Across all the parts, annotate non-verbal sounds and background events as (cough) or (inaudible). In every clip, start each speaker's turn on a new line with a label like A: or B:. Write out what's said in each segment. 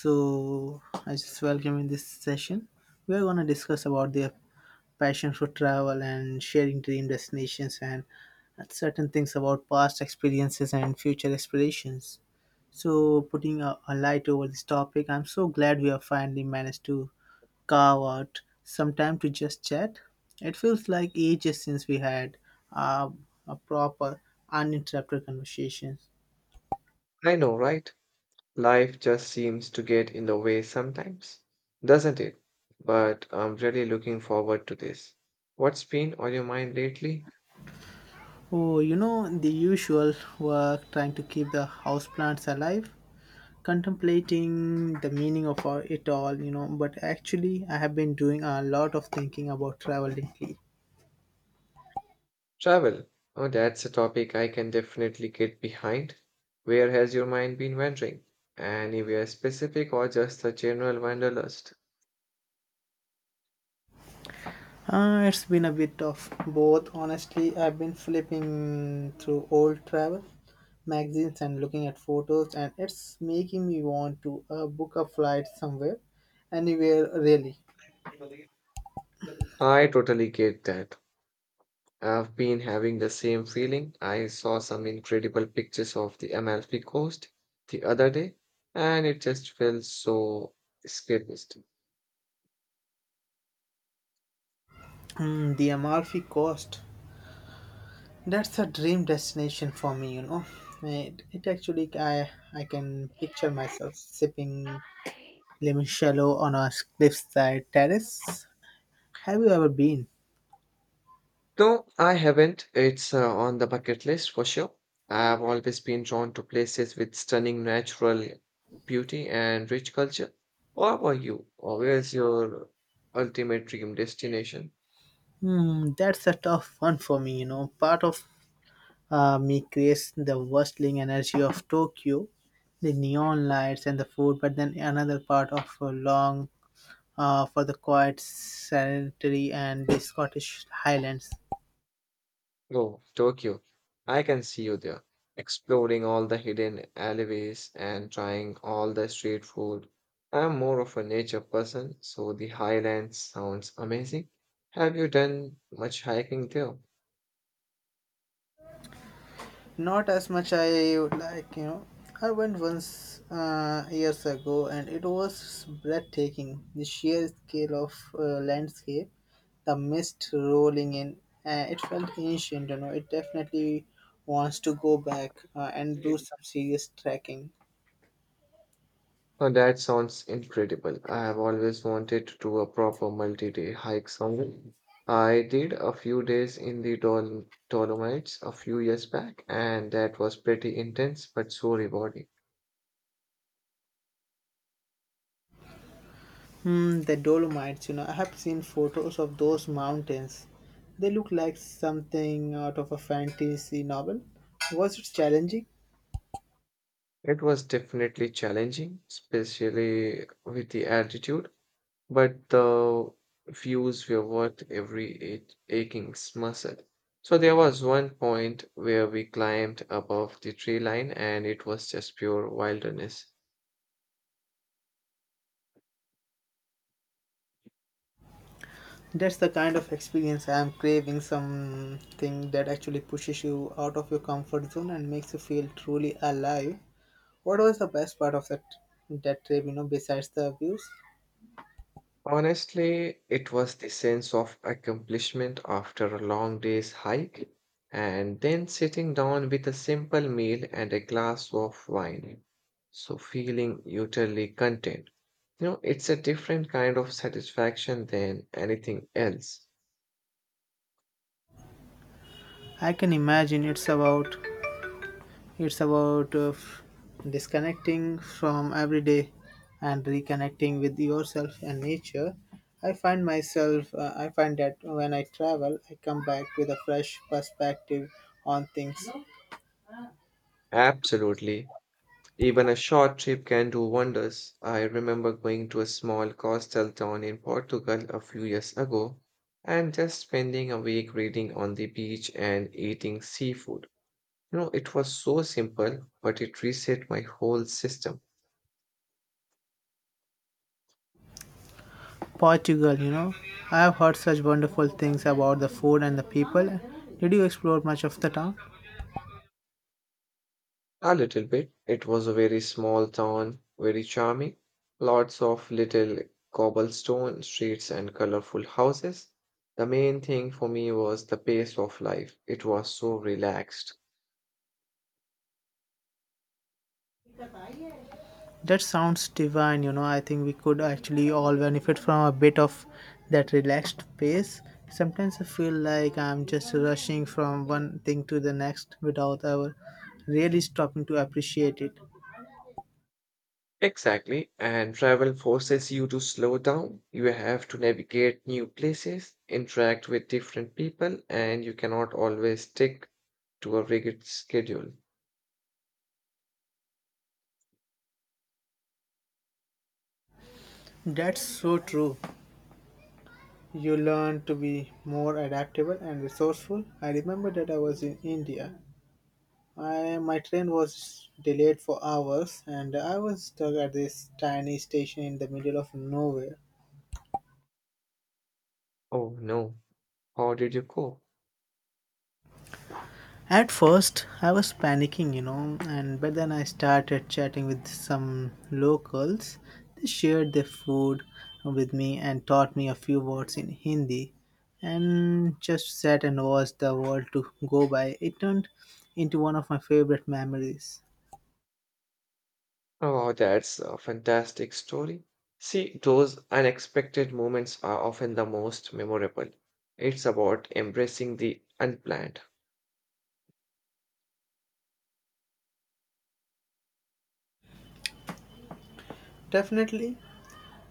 A: So I just welcome in this session. We are going to discuss about their passion for travel and sharing dream destinations and certain things about past experiences and future aspirations. So putting a light over this topic, I'm so glad we have finally managed to carve out some time to just chat. It feels like ages since we had uh, a proper, uninterrupted conversation.
B: I know, right? Life just seems to get in the way sometimes, doesn't it? But I'm really looking forward to this. What's been on your mind lately?
A: Oh, you know, the usual work trying to keep the houseplants alive, contemplating the meaning of it all. But actually, I have been doing a lot of thinking about travel lately.
B: Travel. Oh, that's a topic I can definitely get behind. Where has your mind been wandering? Anywhere specific or just a general wanderlust?
A: It's been a bit of both, honestly. I've been flipping through old travel magazines and looking at photos, and it's making me want to book a flight somewhere, anywhere really.
B: I totally get that. I've been having the same feeling. I saw some incredible pictures of the Amalfi Coast the other day, and it just felt so escapist.
A: Mm, the Amalfi Coast. That's a dream destination for me, you know. It actually, I can picture myself sipping limoncello on a cliffside terrace. Have you ever been?
B: No, I haven't. It's on the bucket list for sure. I've always been drawn to places with stunning natural beauty and rich culture. What about you? Or where's your ultimate dream destination?
A: Hmm, that's a tough one for me, you know. Part of me creates the bustling energy of Tokyo, the neon lights and the food, but then another part of a long for the quiet, sanitary, and the Scottish Highlands.
B: Oh, Tokyo. I can see you there, exploring all the hidden alleyways and trying all the street food. I'm more of a nature person, so the highlands sounds amazing. Have you done much hiking there?
A: Not as much I would like, you know. I went once years ago and it was breathtaking. The sheer scale of landscape, the mist rolling in, it felt ancient, you know. It definitely wants to go back and do
B: Mm.
A: some serious trekking.
B: Oh, that sounds incredible. I have always wanted to do a proper multi-day hike somewhere. I did a few days in the Dolomites a few years back, and that was pretty intense but so rewarding.
A: Hmm, the Dolomites, you know. I have seen photos of those mountains. They look like something out of a fantasy novel. Was it challenging?
B: It was definitely challenging, especially with the altitude, but the views were worth every aching muscle. So there was one point where we climbed above the tree line and it was just pure wilderness.
A: That's the kind of experience I am craving, something that actually pushes you out of your comfort zone and makes you feel truly alive. What was the best part of that trip, you know, besides the views?
B: Honestly, it was the sense of accomplishment after a long day's hike, and then sitting down with a simple meal and a glass of wine. So feeling utterly content. You know, it's a different kind of satisfaction than anything else.
A: I can imagine it's about it's about disconnecting from everyday and reconnecting with yourself and nature. I find that when I travel, I come back with a fresh perspective on things.
B: Absolutely. Even a short trip can do wonders. I remember going to a small coastal town in Portugal a few years ago and just spending a week reading on the beach and eating seafood. You know, it was so simple, but it reset my whole system
A: Portugal, you know. I have heard such wonderful things about the food and the people. Did you explore much of the town?
B: a little bit. It was a very small town, very charming, lots of little cobblestone streets and colorful houses. The main thing for me was the pace of life. It was so relaxed.
A: That sounds divine, you know. I think we could actually all benefit from a bit of that relaxed pace. Sometimes I feel like I'm just rushing from one thing to the next without ever really stopping to appreciate it.
B: Exactly, and travel forces you to slow down. You have to navigate new places, interact with different people, and you cannot always stick to a rigid schedule.
A: That's so true. You learn to be more adaptable and resourceful. I remember that I was in India. My train was delayed for hours and I was stuck at this tiny station in the middle of nowhere.
B: Oh no, how did you cope?
A: At first, I was panicking, you know, and but then I started chatting with some locals. They shared their food with me and taught me a few words in Hindi and just sat and watched the world to go by. It turned into one of my favorite memories.
B: Oh, that's a fantastic story. See, those unexpected moments are often the most memorable. It's about embracing the unplanned.
A: Definitely.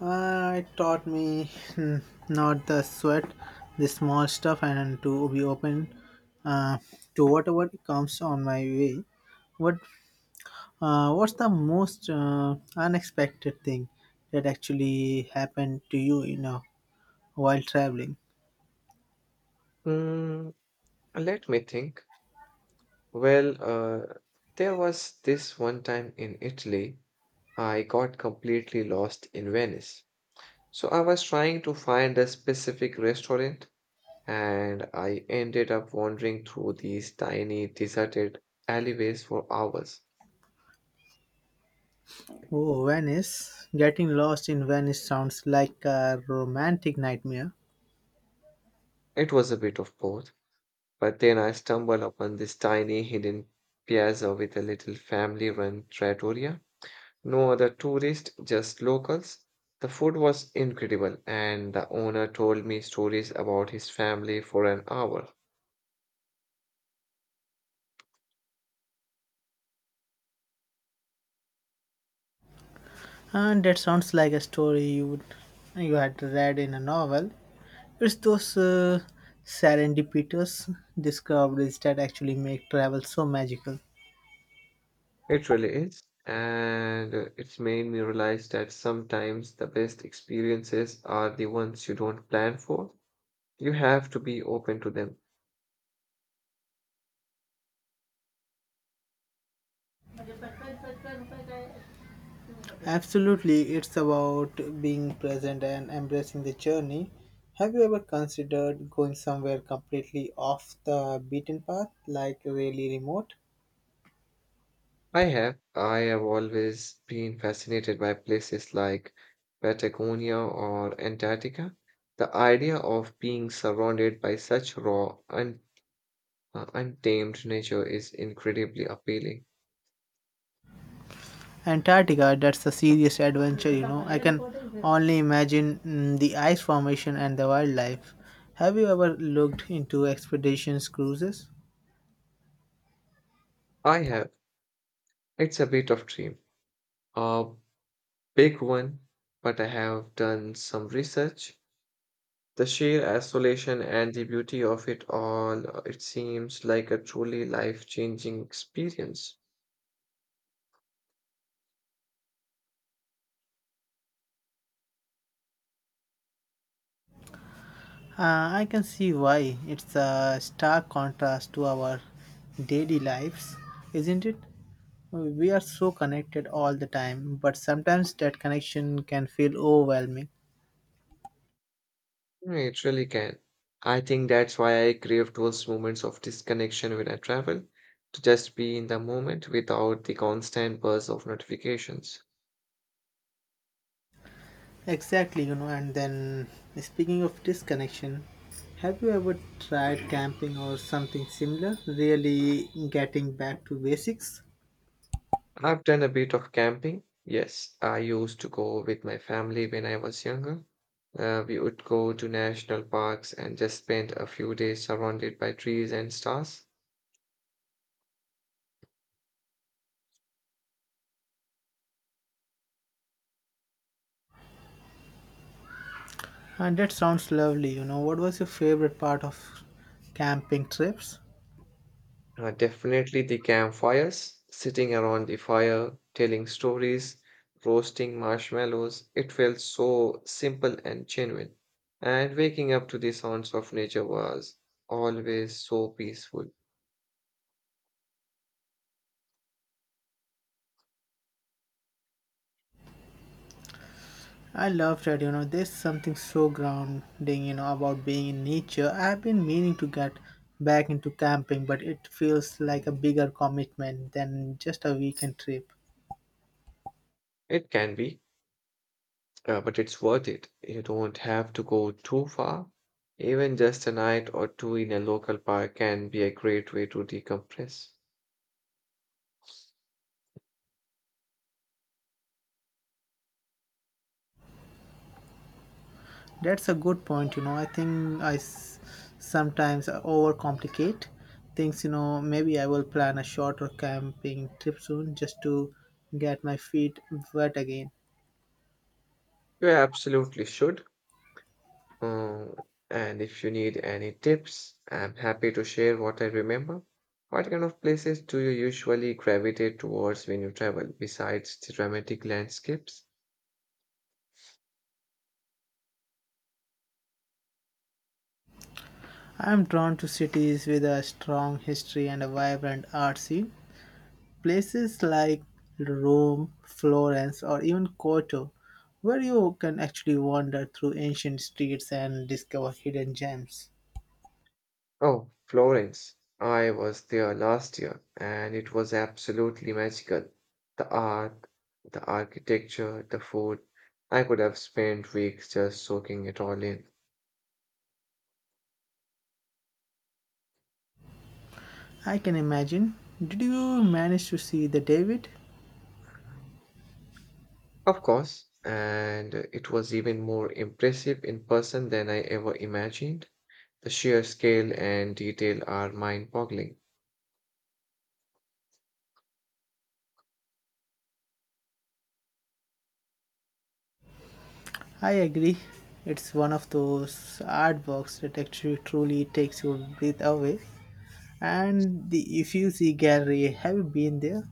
A: It taught me, hmm, not the sweat, the small stuff, and to be open uh, to whatever comes on my way. What What's the most unexpected thing that actually happened to you, you know, while traveling?
B: Hmm, let me think. Well, there was this one time in Italy. I got completely lost in Venice. So I was trying to find a specific restaurant and I ended up wandering through these tiny deserted alleyways for hours.
A: Oh, Venice. Getting lost in Venice sounds like a romantic nightmare.
B: It was a bit of both, but then I stumbled upon this tiny hidden piazza with a little family-run trattoria. No other tourists, just locals. The food was incredible and the owner told me stories about his family for an hour.
A: And that sounds like a story you had read in a novel. It's those serendipitous discoveries that actually make travel so magical.
B: It really is. And it's made me realize that sometimes the best experiences are the ones you don't plan for. You have to be open to them.
A: Absolutely, it's about being present and embracing the journey. Have you ever considered going somewhere completely off the beaten path, like really remote?
B: I have. I have always been fascinated by places like Patagonia or Antarctica. The idea of being surrounded by such raw and untamed nature is incredibly appealing.
A: Antarctica, that's a serious adventure, you know. I can only imagine, mm, the ice formation and the wildlife. Have you ever looked into expeditions cruises?
B: I have. It's a bit of dream, a big one, but I have done some research. The sheer isolation and the beauty of it all, it seems like a truly life-changing experience.
A: Uh, I can see why. It's a stark contrast to our daily lives, isn't it? We are so connected all the time, but sometimes that connection can feel overwhelming.
B: Mm, it really can. I think that's why I crave those moments of disconnection when I travel, to just be in the moment without the constant buzz of notifications.
A: Exactly, you know, and then speaking of disconnection, have you ever tried camping or something similar? Really getting back to basics?
B: I've done a bit of camping. Yes, I used to go with my family when I was younger. We would go to national parks and just spend a few days surrounded by trees and stars.
A: And that sounds lovely, you know. What was your favorite part of camping trips?
B: Definitely the campfires, sitting around the fire, telling stories, roasting marshmallows. It felt so simple and genuine. And waking up to the sounds of nature was always so peaceful.
A: I love that, you know, there's something so grounding, you know, about being in nature. I've been meaning to get back into camping, but it feels like a bigger commitment than just a weekend trip.
B: It can be, but it's worth it. You don't have to go too far. Even just a night or two in a local park can be a great way to decompress.
A: That's a good point. You know, I think sometimes overcomplicate things. You know, maybe I will plan a shorter camping trip soon just to get my feet wet again.
B: You absolutely should. Uh, and if you need any tips, I'm happy to share what I remember. What kind of places do you usually gravitate towards when you travel, besides the dramatic landscapes?
A: I'm drawn to cities with a strong history and a vibrant art scene. Places like Rome, Florence, or even Kyoto, where you can actually wander through ancient streets and discover hidden gems.
B: Oh, Florence. I was there last year, and it was absolutely magical. The art, the architecture, the food. I could have spent weeks just soaking it all in.
A: I can imagine. Did you manage to see the David?
B: Of course, and it was even more impressive in person than I ever imagined. The sheer scale and detail are mind-boggling.
A: I agree. It's one of those artworks that actually truly takes your breath away. And the Uffizi Gallery, have you been there?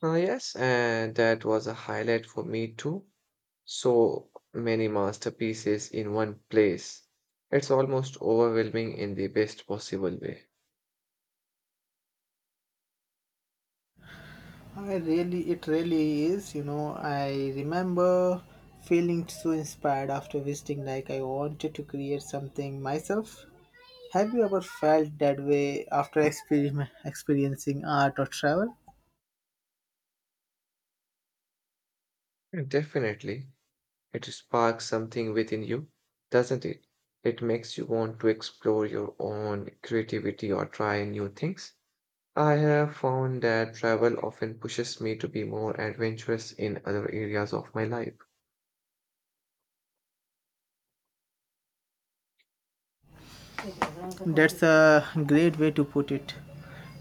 B: Ah, yes, and that was a highlight for me too. So many masterpieces in one place. It's almost overwhelming in the best possible way.
A: It really is. You know, I remember feeling so inspired after visiting, like I wanted to create something myself. Have you ever felt that way after (laughs) experiencing art or travel?
B: And definitely, it sparks something within you, doesn't it? It makes you want to explore your own creativity or try new things. I have found that travel often pushes me to be more adventurous in other areas of my life.
A: That's a great way to put it.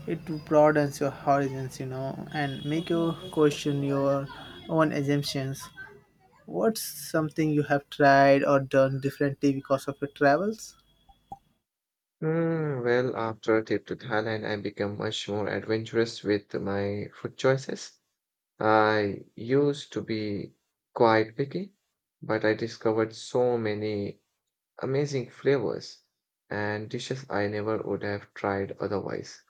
A: It broadens your horizons, you know, and make you question your own assumptions. What's something you have tried or done differently because of your travels?
B: Hmm. Well, after a trip to Thailand, I become much more adventurous with my food choices. I used to be quite picky, but I discovered so many amazing flavors and dishes I never would have tried otherwise.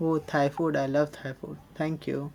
A: Oh, Thai food. I love Thai food. Thank you.